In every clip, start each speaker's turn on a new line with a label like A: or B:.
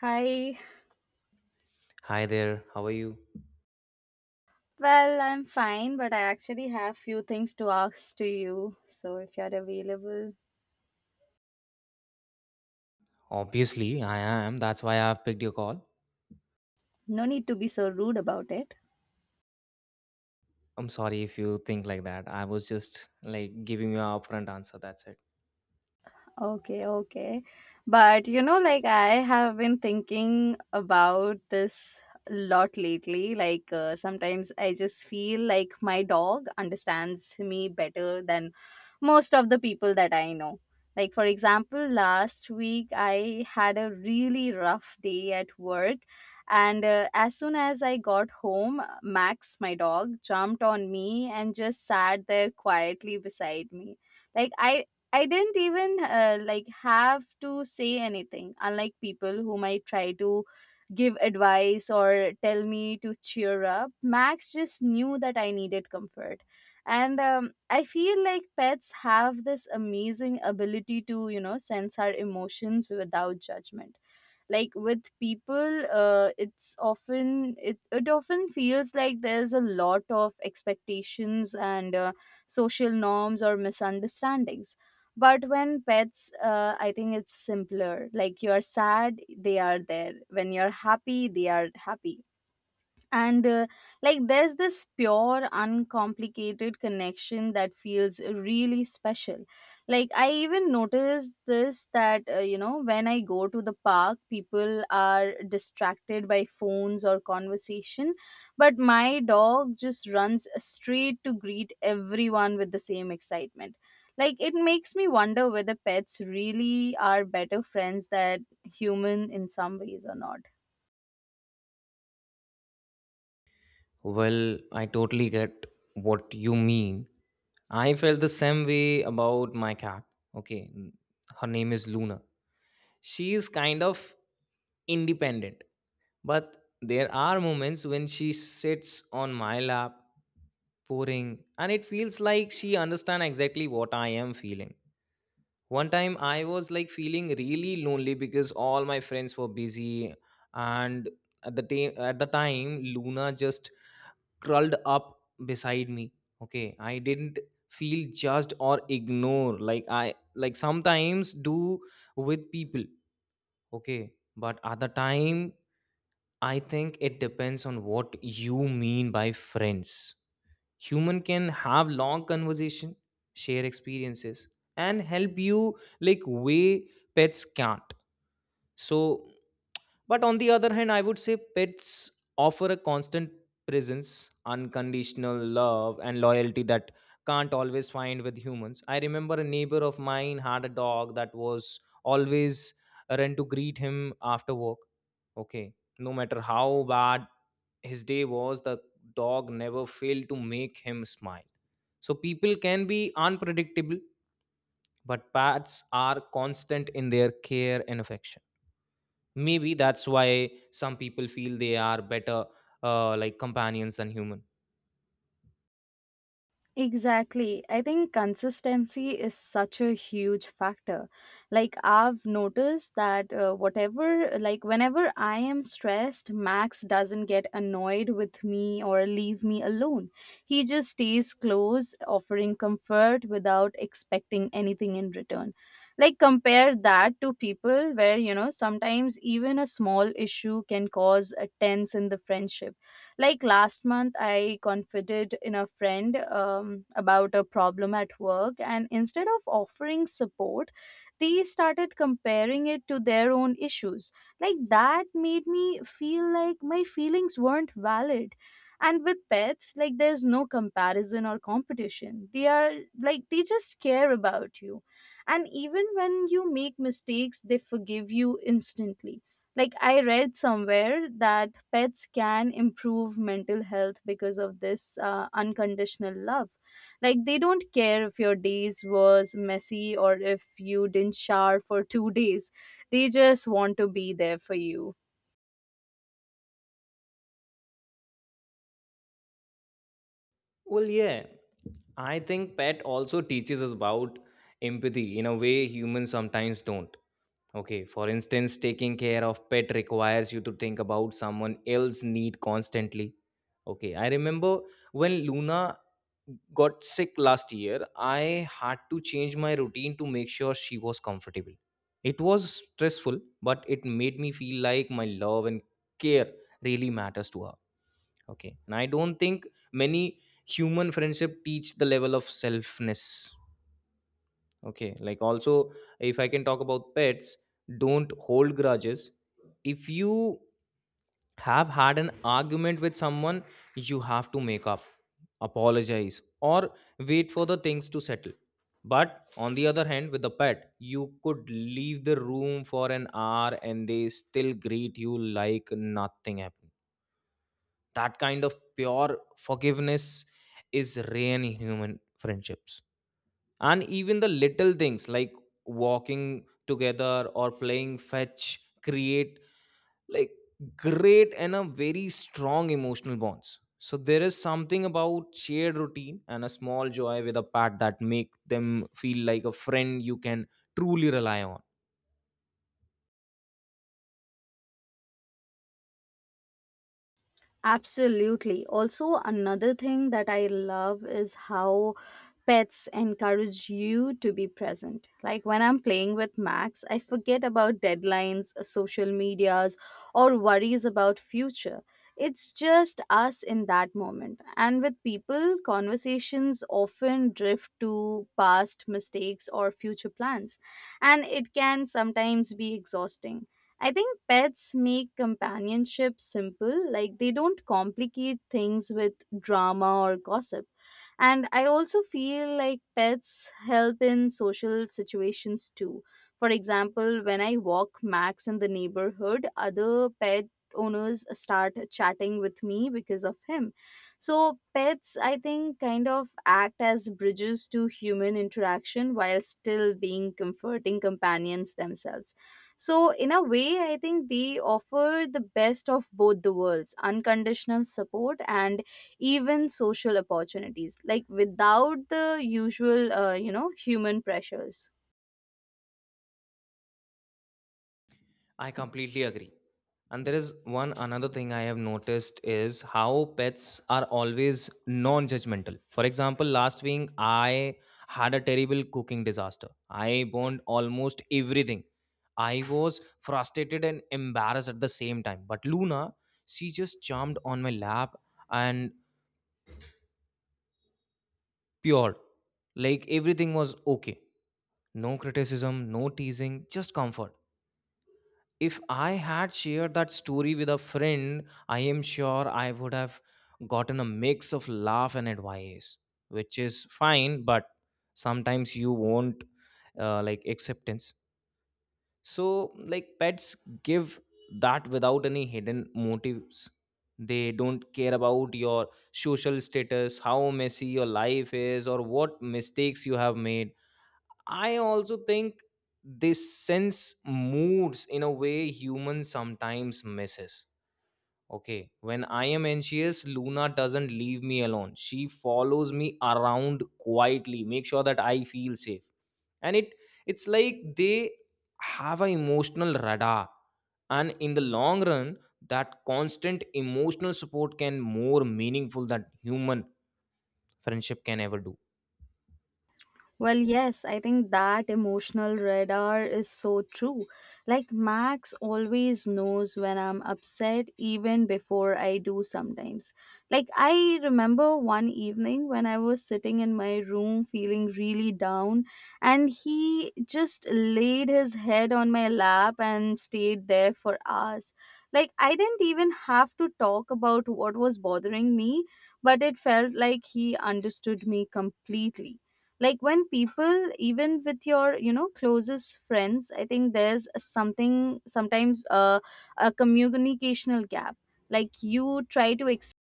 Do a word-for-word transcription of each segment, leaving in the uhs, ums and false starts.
A: Hi.
B: Hi there, how are you?
A: Well, I'm fine, but I actually have few things to ask to you. So if you're available,
B: Obviously, I am. That's why I've picked your call.
A: no need to be so rude about it.
B: I'm sorry if you think like that. I was just like giving you an upfront answer. That's it.
A: Okay, okay. But you know, like I have been thinking about this a lot lately. Like uh, sometimes I just feel like my dog understands me better than most of the people that I know. Like, for example, last week I had a really rough day at work. And uh, as soon as I got home, Max, my dog, jumped on me and just sat there quietly beside me like i I didn't even uh, like have to say anything, unlike people who might try to give advice or tell me to cheer up. Max just knew that I needed comfort. And um, I feel like pets have this amazing ability to, you know, sense our emotions without judgment like with people uh, it's often it, it often feels like there's a lot of expectations and uh, social norms or misunderstandings. But when pets, uh, I think it's simpler. Like you're sad, they are there. When you're happy, they are happy. And uh, like there's this pure uncomplicated connection that feels really special. Like I even noticed this that uh, you know, when I go to the park, people are distracted by phones or conversation, but my dog just runs straight to greet everyone with the same excitement. Like it makes me wonder whether pets really are better friends than human in some ways or not.
B: Well, I totally get what you mean. I felt the same way about my cat. Okay, n- her name is Luna. She is kind of independent, but there are moments when she sits on my lap pouring and it feels like she understands exactly what I am feeling. One time I was like feeling really lonely because all my friends were busy, and at the time at the time Luna just curled up beside me. Okay, I didn't feel judged or ignore like I like sometimes do with people. Okay, but at the time I think it depends on what you mean by friends. Human can have long conversation, share experiences, and help you like way pets can't, so but on the other hand I would say pets offer a constant presence, unconditional love, and loyalty that can't always find with humans. I remember a neighbor of mine had a dog that was always run to greet him after work. Okay, no matter how bad his day was, the dog never failed to make him smile. So people can be unpredictable, but pets are constant in their care and affection. Maybe that's why some people feel they are better uh, like companions than human.
A: Exactly. I think consistency is such a huge factor. Like, I've noticed that uh, whatever, like, whenever I am stressed, Max doesn't get annoyed with me or leave me alone. He just stays close, offering comfort without expecting anything in return. Like, compare that to people where, you know, sometimes even a small issue can cause a tense in the friendship. Like last month, I confided in a friend um, about a problem at work, and instead of offering support, they started comparing it to their own issues. Like that made me feel like my feelings weren't valid. And with pets, like there's no comparison or competition. They are like they just care about you. And even when you make mistakes, they forgive you instantly. Like I read somewhere that pets can improve mental health because of this uh, unconditional love. Like they don't care if your days was messy or if you didn't shower for two days. They just want to be there for you.
B: Well, yeah, I think pet also teaches us about empathy in a way humans sometimes don't. Okay, for instance, taking care of pet requires you to think about someone else's need constantly. Okay, I remember when Luna got sick last year, I had to change my routine to make sure she was comfortable. It was stressful, but it made me feel like my love and care really matters to her. Okay, and I don't think many human friendship teach the level of selfness. Okay, like also, if I can talk about pets, don't hold grudges. If you have had an argument with someone, you have to make up, apologize, or wait for the things to settle. But on the other hand, with the pet, you could leave the room for an hour and they still greet you like nothing happened. That kind of pure forgiveness is rare in human friendships, and even the little things like walking together or playing fetch create like great and a very strong emotional bonds. So there is something about shared routine and a small joy with a pat that make them feel like a friend you can truly rely on.
A: Absolutely. Also, another thing that I love is how pets encourage you to be present. Like when I'm playing with Max, I forget about deadlines, uh, social medias, or worries about future. It's just us in that moment. And with people, conversations often drift to past mistakes or future plans, and it can sometimes be exhausting. I think pets make companionship simple, like they don't complicate things with drama or gossip. And I also feel like pets help in social situations too. For example, when I walk Max in the neighborhood, other pet owners start chatting with me because of him. So, pets, I think, kind of act as bridges to human interaction while still being comforting companions themselves. So, in a way, I think they offer the best of both the worlds unconditional support and even social opportunities, like without the usual, uh, you know, human pressures.
B: I completely agree. And there is one another thing I have noticed is how pets are always non judgmental. For example, last week I had a terrible cooking disaster. I burned almost everything. I was frustrated and embarrassed at the same time. But Luna, she just jumped on my lap and pure. Like everything was okay. No criticism, no teasing, just comfort. If I had shared that story with a friend, I am sure I would have gotten a mix of laugh and advice, which is fine, but sometimes you won't uh, like acceptance. So, like, pets give that without any hidden motives. They don't care about your social status, how messy your life is, or what mistakes you have made. I also think this sense moods in a way human sometimes misses. Okay, when I am anxious, Luna doesn't leave me alone. She follows me around quietly, make sure that I feel safe. And it it's like they have an emotional radar. And in the long run, that constant emotional support can more meaningful than human friendship can ever do.
A: Well, yes, I think that emotional radar is so true. Like, Max always knows when I'm upset, even before I do sometimes. Like, I remember one evening when I was sitting in my room feeling really down, and he just laid his head on my lap and stayed there for hours. Like, I didn't even have to talk about what was bothering me, but it felt like he understood me completely. Like when people, even with your you know closest friends, I think there's something sometimes, uh, a communicational gap. Like you try to express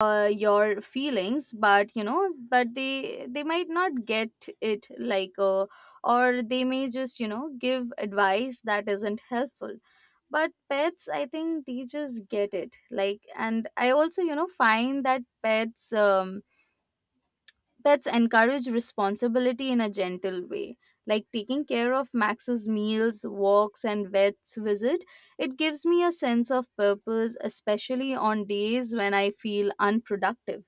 A: uh, your feelings, but you know, but they they might not get it. Like uh, or they may just you know give advice that isn't helpful. But pets, I think they just get it. Like, and I also you know find that pets, um pets encourage responsibility in a gentle way, like taking care of Max's meals, walks, and vet's visit. It gives me a sense of purpose, especially on days when I feel unproductive.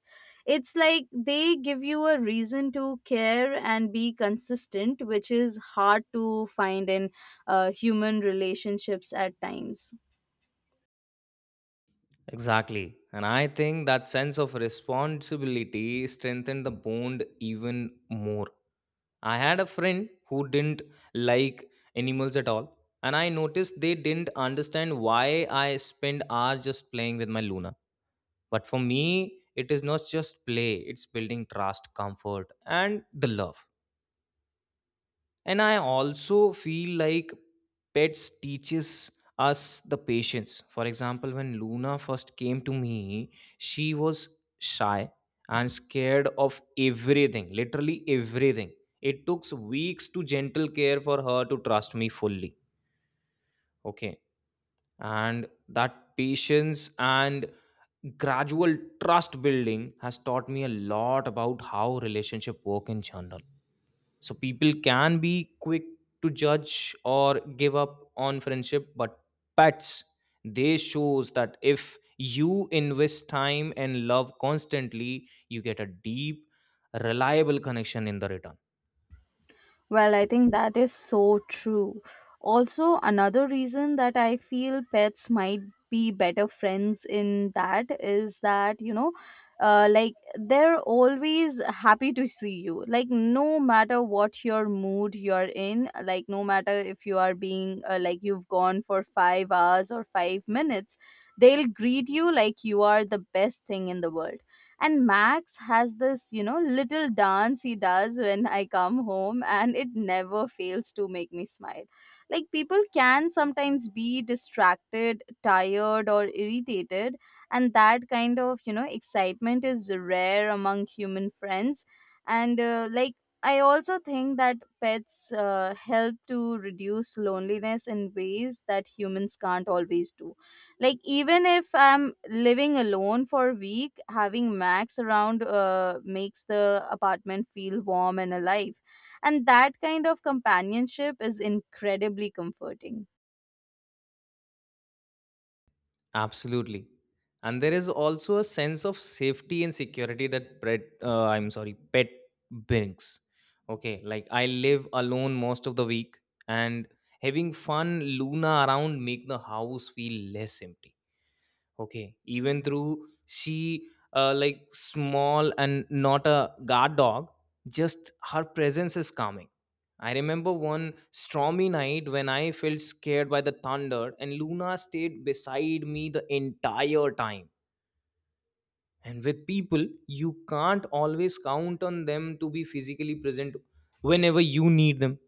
A: It's like they give you a reason to care and be consistent, which is hard to find in uh, human relationships at times.
B: Exactly. And I think that sense of responsibility strengthened the bond even more. I had a friend who didn't like animals at all. And I noticed they didn't understand why I spend hours just playing with my Luna. But for me, it is not just play, it's building trust, comfort, and the love. And I also feel like pets teaches us the patience. For example, when Luna first came to me, she was shy and scared of everything, literally everything. It took weeks to gentle care for her to trust me fully. Okay, and that patience and gradual trust building has taught me a lot about how relationship work in general. So people can be quick to judge or give up on friendship, but pets, they shows that if you invest time and love constantly, you get a deep, reliable connection in the return.
A: Well, I think that is so true. Also, another reason that I feel pets might be better friends in that is that, you know, uh, like they're always happy to see you. Like, no matter what your mood you're in, like, no matter if you are being uh, like you've gone for five hours or five minutes, they'll greet you like you are the best thing in the world. And Max has this you know little dance he does when I come home, and it never fails to make me smile. Like people can sometimes be distracted, tired, or irritated, and that kind of you know excitement is rare among human friends. And uh, like I also think that pets, uh, help to reduce loneliness in ways that humans can't always do. Like even if I'm living alone for a week, having Max around uh, makes the apartment feel warm and alive, and that kind of companionship is incredibly comforting.
B: Absolutely. And there is also a sense of safety and security that pet, uh, I'm sorry, pet brings. Okay, like I live alone most of the week, and having fun Luna around make the house feel less empty. Okay, even through she uh, like small and not a guard dog, just her presence is calming. I remember one stormy night when I felt scared by the thunder, and Luna stayed beside me the entire time. And with people, you can't always count on them to be physically present whenever you need them.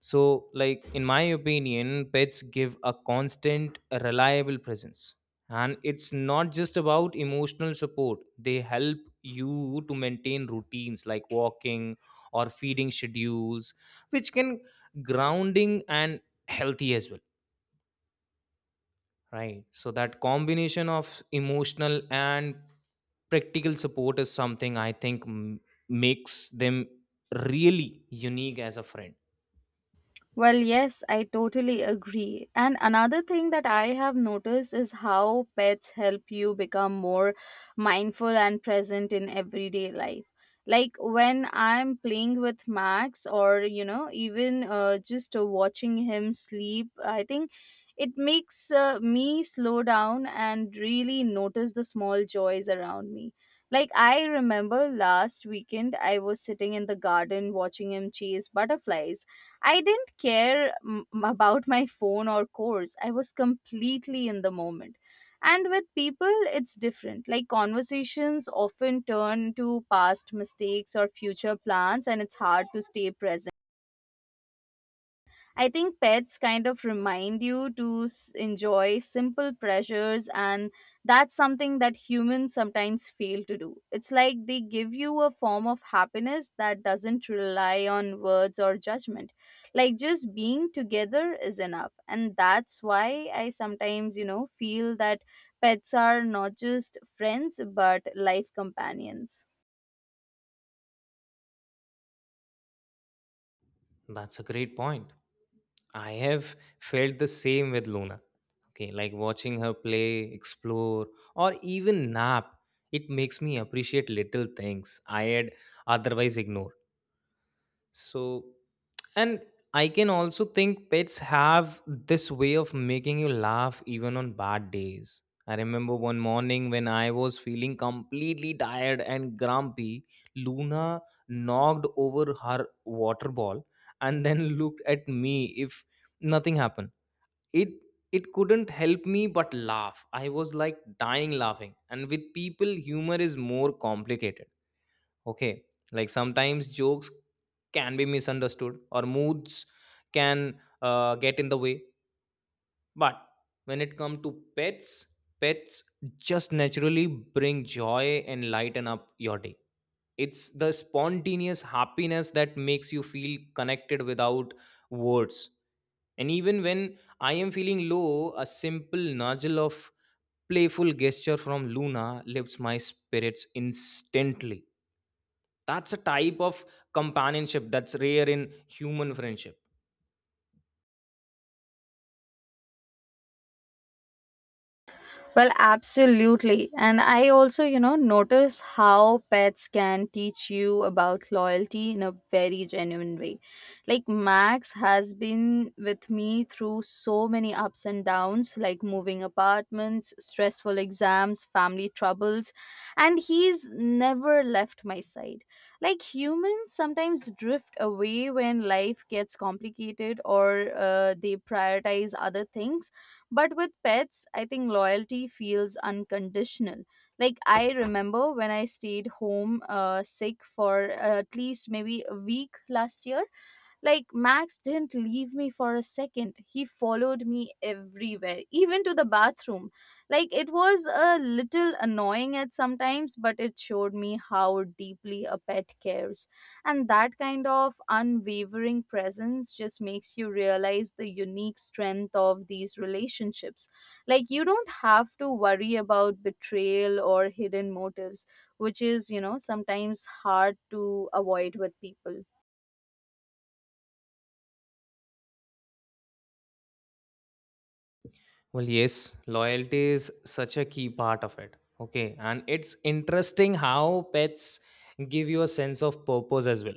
B: So, like in my opinion, pets give a constant, reliable presence. And it's not just about emotional support. They help you to maintain routines like walking or feeding schedules, which can grounding and healthy as well, right? So that combination of emotional and practical support is something I think m- makes them really unique as a friend.
A: Well, yes, I totally agree. And another thing that I have noticed is how pets help you become more mindful and present in everyday life. Like when I'm playing with Max or, you know, even uh, just uh, watching him sleep, I think it makes uh, me slow down and really notice the small joys around me. Like I remember last weekend, I was sitting in the garden watching him chase butterflies. I didn't care mm, about my phone or course. I was completely in the moment. And with people, it's different. Like conversations often turn to past mistakes or future plans, and it's hard to stay present. I think pets kind of remind you to s- enjoy simple pleasures, and that's something that humans sometimes fail to do. It's like they give you a form of happiness that doesn't rely on words or judgment. Like just being together is enough. And that's why I sometimes, you know, feel that pets are not just friends, but life companions.
B: That's a great point. I have felt the same with Luna. Okay, like watching her play, explore, or even nap, it makes me appreciate little things I had otherwise ignored. So and I can also think pets have this way of making you laugh even on bad days. I remember one morning when I was feeling completely tired and grumpy, Luna knocked over her water ball and then looked at me if nothing happened. It it couldn't help me but laugh. I was like dying laughing. And with people humor is more complicated. Okay, like sometimes jokes can be misunderstood or moods can uh, get in the way. But when it comes to pets, pets, just naturally bring joy and lighten up your day. It's the spontaneous happiness that makes you feel connected without words. And even when I am feeling low, a simple nudge of playful gesture from Luna lifts my spirits instantly. That's a type of companionship that's rare in human friendship.
A: Well, absolutely. And I also, you know, notice how pets can teach you about loyalty in a very genuine way. Like Max has been with me through so many ups and downs, like moving apartments, stressful exams, family troubles, and he's never left my side. Like humans sometimes drift away when life gets complicated, or uh, they prioritize other things. But with pets, I think loyalty feels unconditional. Like I remember when I stayed home uh, sick for uh, at least maybe a week last year. Like, Max didn't leave me for a second. He followed me everywhere, even to the bathroom. Like, it was a little annoying at sometimes, but it showed me how deeply a pet cares. And that kind of unwavering presence just makes you realize the unique strength of these relationships. Like, you don't have to worry about betrayal or hidden motives, which is, you know, sometimes hard to avoid with people.
B: Well, yes, loyalty is such a key part of it. Okay, and it's interesting how pets give you a sense of purpose as well.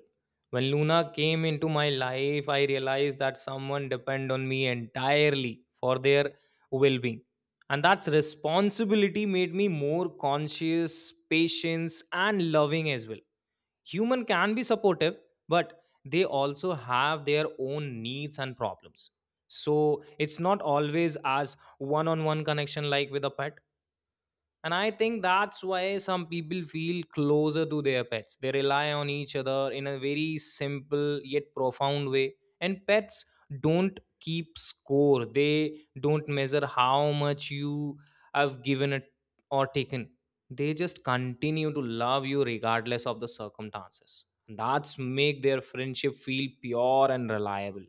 B: When Luna came into my life, I realized that someone depend on me entirely for their well-being. And that's responsibility made me more conscious, patient, and loving as well. Human can be supportive, but they also have their own needs and problems, so it's not always as one on one connection like with a pet. And I think that's why some people feel closer to their pets. They rely on each other in a very simple yet profound way. And pets don't keep score, they don't measure how much you have given it or taken. They just continue to love you regardless of the circumstances. That's make their friendship feel pure and reliable.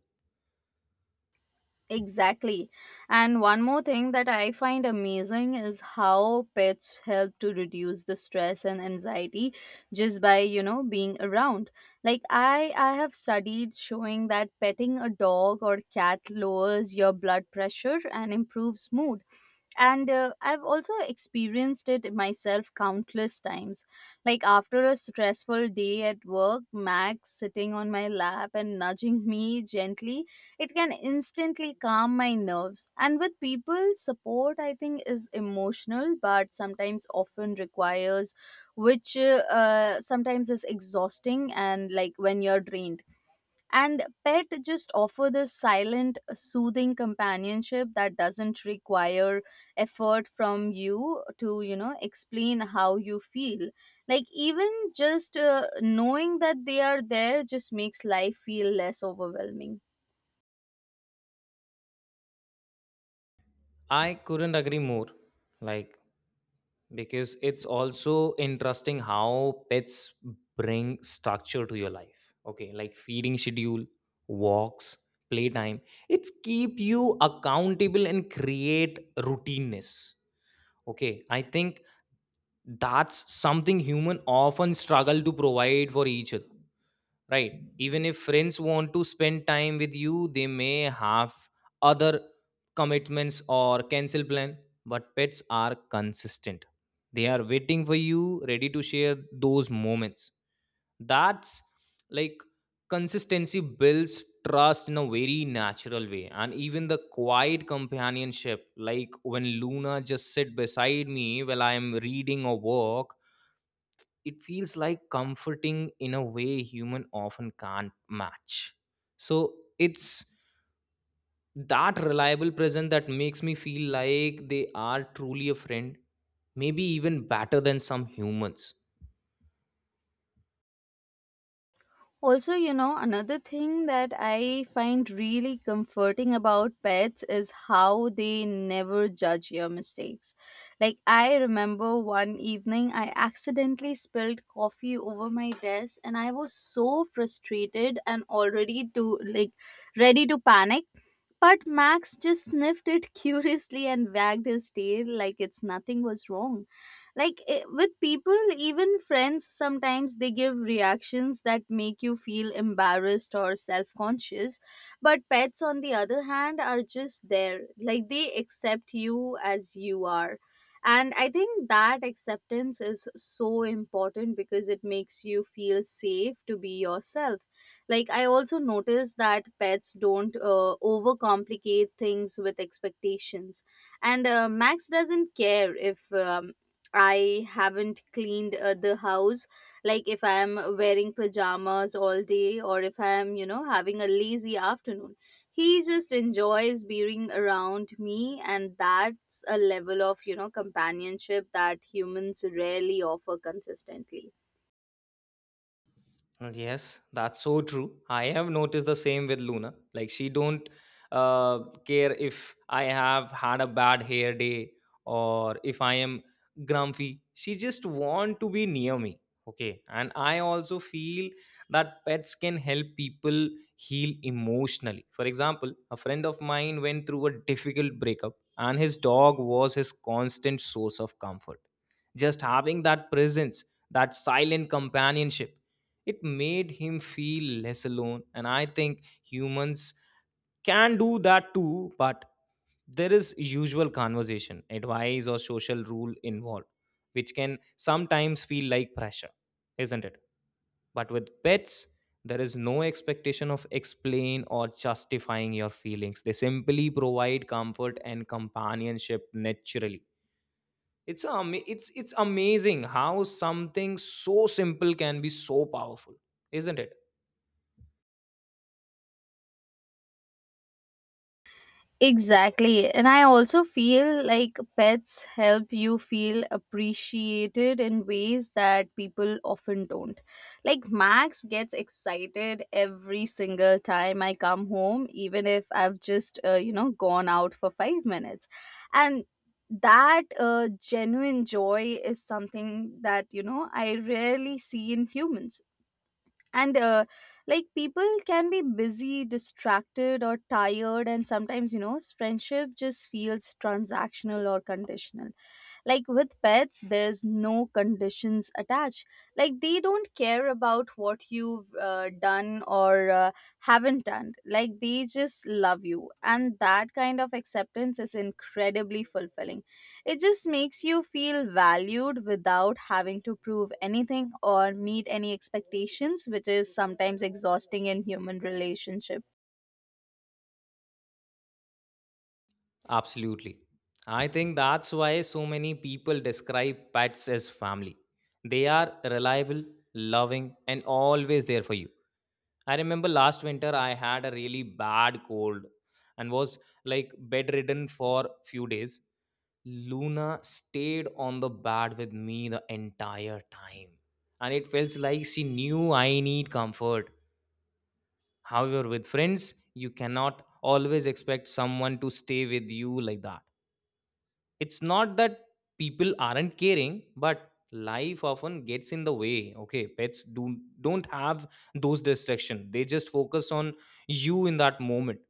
A: Exactly. And one more thing that I find amazing is how pets help to reduce the stress and anxiety just by, you know, being around. Like I I have studied showing that petting a dog or cat lowers your blood pressure and improves mood. And uh, I've also experienced it myself countless times. Like after a stressful day at work, Max sitting on my lap and nudging me gently, it can instantly calm my nerves. And with people, support I think is emotional, but sometimes often requires, which uh, uh, sometimes is exhausting and like when you're drained. And pet just offer this silent soothing companionship that doesn't require effort from you to you know explain how you feel. Like even just uh, knowing that they are there just makes life feel less overwhelming.
B: I couldn't agree more. Like because it's also interesting how pets bring structure to your life. Okay, like feeding schedule, walks, playtime, it's keep you accountable and create routineness. Okay, I think that's something human often struggle to provide for each other, right? Even if friends want to spend time with you, they may have other commitments or cancel plan, but pets are consistent. They are waiting for you, ready to share those moments. That's like consistency builds trust in a very natural way. And even the quiet companionship, like when Luna just sit beside me while I am reading or work, it feels like comforting in a way human often can't match. So it's that reliable present that makes me feel like they are truly a friend, maybe even better than some humans.
A: Also, you know, another thing that I find really comforting about pets is how they never judge your mistakes. Like, I remember one evening I accidentally spilled coffee over my desk, and I was so frustrated and already to like ready to panic. But Max just sniffed it curiously and wagged his tail like it's nothing was wrong. Like eh, with people, even friends, sometimes they give reactions that make you feel embarrassed or self-conscious, but pets on the other hand are just there. Like, they accept you as you are, and I think that acceptance is so important because it makes you feel safe to be yourself. Like, I also noticed that pets don't uh, overcomplicate things with expectations. And uh, Max doesn't care if, uh, I haven't cleaned, uh, the house. Like, if I am wearing pajamas all day, or if I am, you know, having a lazy afternoon. He just enjoys being around me, and that's a level of, you know, companionship that humans rarely offer consistently.
B: Mm, yes, that's so true. I have noticed the same with Luna. Like she don't uh, care if I have had a bad hair day or if I am grumpy. She just want to be near me. Okay, and I also feel that pets can help people heal emotionally. For example, a friend of mine went through a difficult breakup, and his dog was his constant source of comfort. Just having that presence, that silent companionship, it made him feel less alone. And I think humans can do that too, but there is usual conversation, advice, or social rule involved, which can sometimes feel like pressure, isn't it? But with pets, there is no expectation of explain or justifying your feelings. They simply provide comfort and companionship naturally. It's um, it's it's amazing how something so simple can be so powerful, isn't it?
A: Exactly. And I also feel like pets help you feel appreciated in ways that people often don't. Like, Max gets excited every single time I come home, even if I've just, uh, you know, gone out for five minutes. And that uh, genuine joy is something that, you know, I rarely see in humans. And uh, like people can be busy, distracted, or tired, and sometimes, you know s- friendship just feels transactional or conditional. Like, with pets, there's no conditions attached. Like, they don't care about what you've uh, done or uh, haven't done. Like, they just love you, and that kind of acceptance is incredibly fulfilling. It just makes you feel valued without having to prove anything or meet any expectations, which is sometimes exhausting in human relationship.
B: Absolutely. I think that's why so many people describe pets as family. They are reliable, loving, and always there for you. I remember last winter I had a really bad cold and was like bedridden for few days. Luna stayed on the bed with me the entire time. And it felt like she knew I need comfort. However, with friends, you cannot always expect someone to stay with you like that. It's not that people aren't caring, but life often gets in the way. Okay, pets do don't have those distractions. They just focus on you in that moment,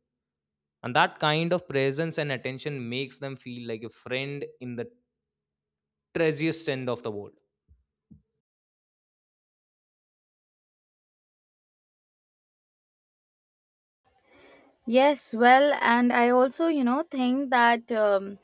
B: and that kind of presence and attention makes them feel like a friend in the treasiest end of the world.
A: Yes, well, and I also, you know, think that um,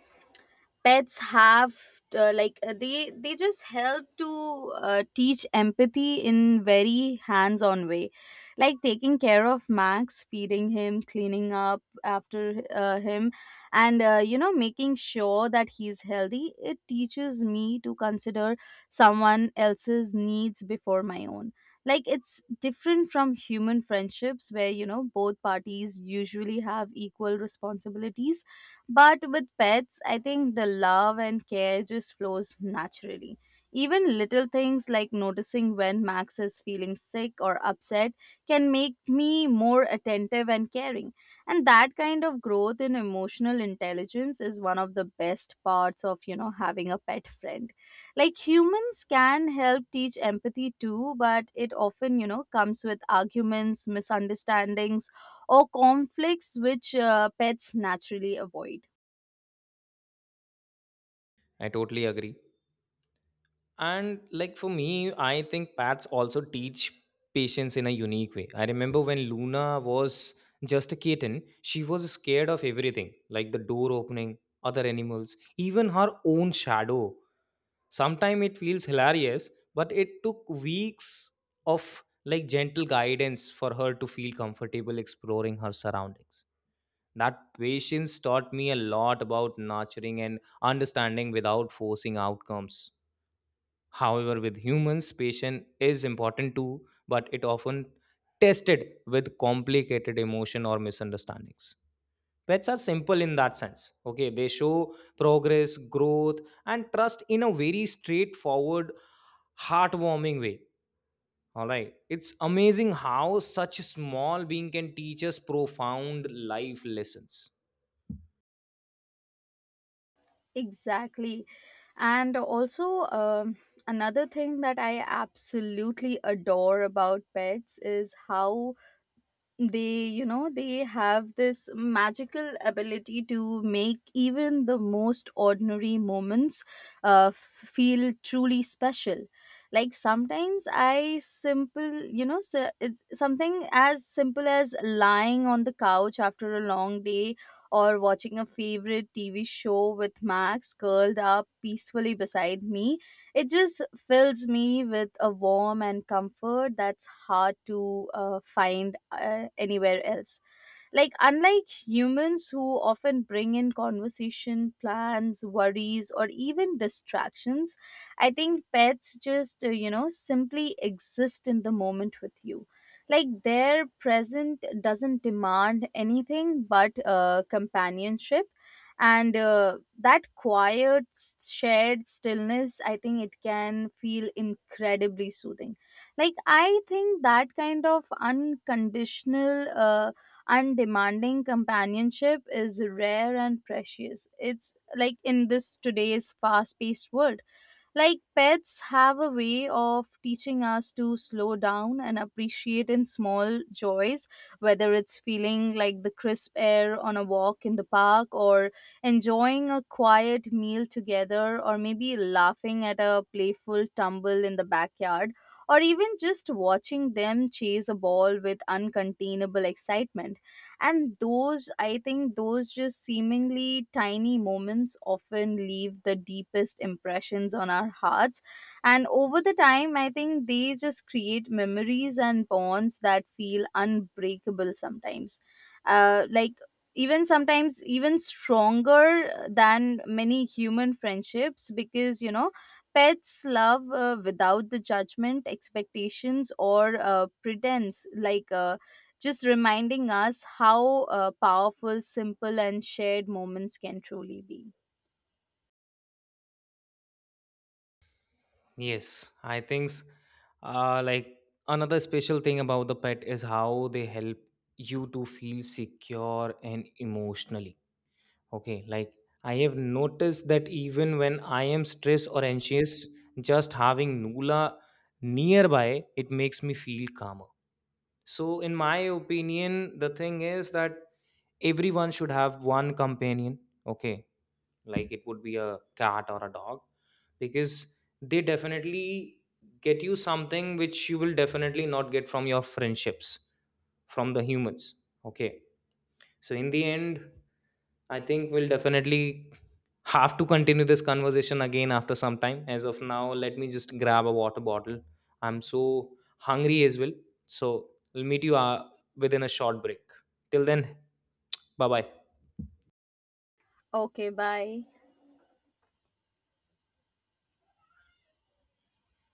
A: pets have, uh, like uh, they they just help to uh, teach empathy in very hands on way. Like, taking care of Max, feeding him, cleaning up after uh, him, and, uh, you know making sure that he's healthy, it teaches me to consider someone else's needs before my own. Like, it's different from human friendships, where, you know, both parties usually have equal responsibilities, but with pets, I think the love and care just flows naturally. Even little things like noticing when Max is feeling sick or upset can make me more attentive and caring. And that kind of growth in emotional intelligence is one of the best parts of, you know, having a pet friend. Like, humans can help teach empathy too, but it often, you know, comes with arguments, misunderstandings, or conflicts, which uh, pets naturally avoid.
B: I totally agree. And like for me, I think pets also teach patience in a unique way. I remember when Luna was just a kitten, she was scared of everything, like the door opening, other animals, even her own shadow. Sometimes it feels hilarious, but it took weeks of like gentle guidance for her to feel comfortable exploring her surroundings. That patience taught me a lot about nurturing and understanding without forcing outcomes. However, with humans, patience is important too, but it often tested with complicated emotion or misunderstandings. Pets are simple in that sense. Okay, they show progress, growth, and trust in a very straightforward, heartwarming way. All right, it's amazing how such a small being can teach us profound life lessons.
A: Exactly. And also, um, another thing that I absolutely adore about pets is how they, you know, they have this magical ability to make even the most ordinary moments uh, f- feel truly special. Like sometimes i simple you know so it's something as simple as lying on the couch after a long day, or watching a favorite TV show with Max curled up peacefully beside me. It just fills me with a warm and comfort that's hard to uh, find uh, anywhere else. Like, unlike humans who often bring in conversation, plans, worries, or even distractions, I think pets just, uh, you know, simply exist in the moment with you. Like, their present doesn't demand anything but uh, companionship. And uh, That quiet s- shared stillness, I think it can feel incredibly soothing. Like, I think that kind of unconditional, uh, undemanding companionship is rare and precious. It's like, in this today's fast paced world, like, pets have a way of teaching us to slow down and appreciate in small joys, whether it's feeling like the crisp air on a walk in the park, or enjoying a quiet meal together, or maybe laughing at a playful tumble in the backyard, or even just watching them chase a ball with uncontainable excitement. And those, I think those just seemingly tiny moments often leave the deepest impressions on our hearts. And over the time, I think they just create memories and bonds that feel unbreakable sometimes. Uh, like even sometimes even stronger than many human friendships, because, you know, pets love, uh, without the judgment, expectations, or uh, pretense. Like uh, just reminding us how uh, powerful, simple, and shared moments can truly be.
B: Yes, I think s- uh, like another special thing about the pet is how they help you to feel secure and emotionally. Okay, like I have noticed that even when I am stressed or anxious, just having Nula nearby, it makes me feel calmer. So, in my opinion, the thing is that everyone should have one companion. Okay, like it would be a cat or a dog, because they definitely get you something which you will definitely not get from your friendships, from the humans. Okay, so in the end, I think we'll definitely have to continue this conversation again after some time. As of now, let me just grab a water bottle. I'm so hungry as well. So we'll meet you uh, within a short break. Till then, bye bye.
A: Okay, bye.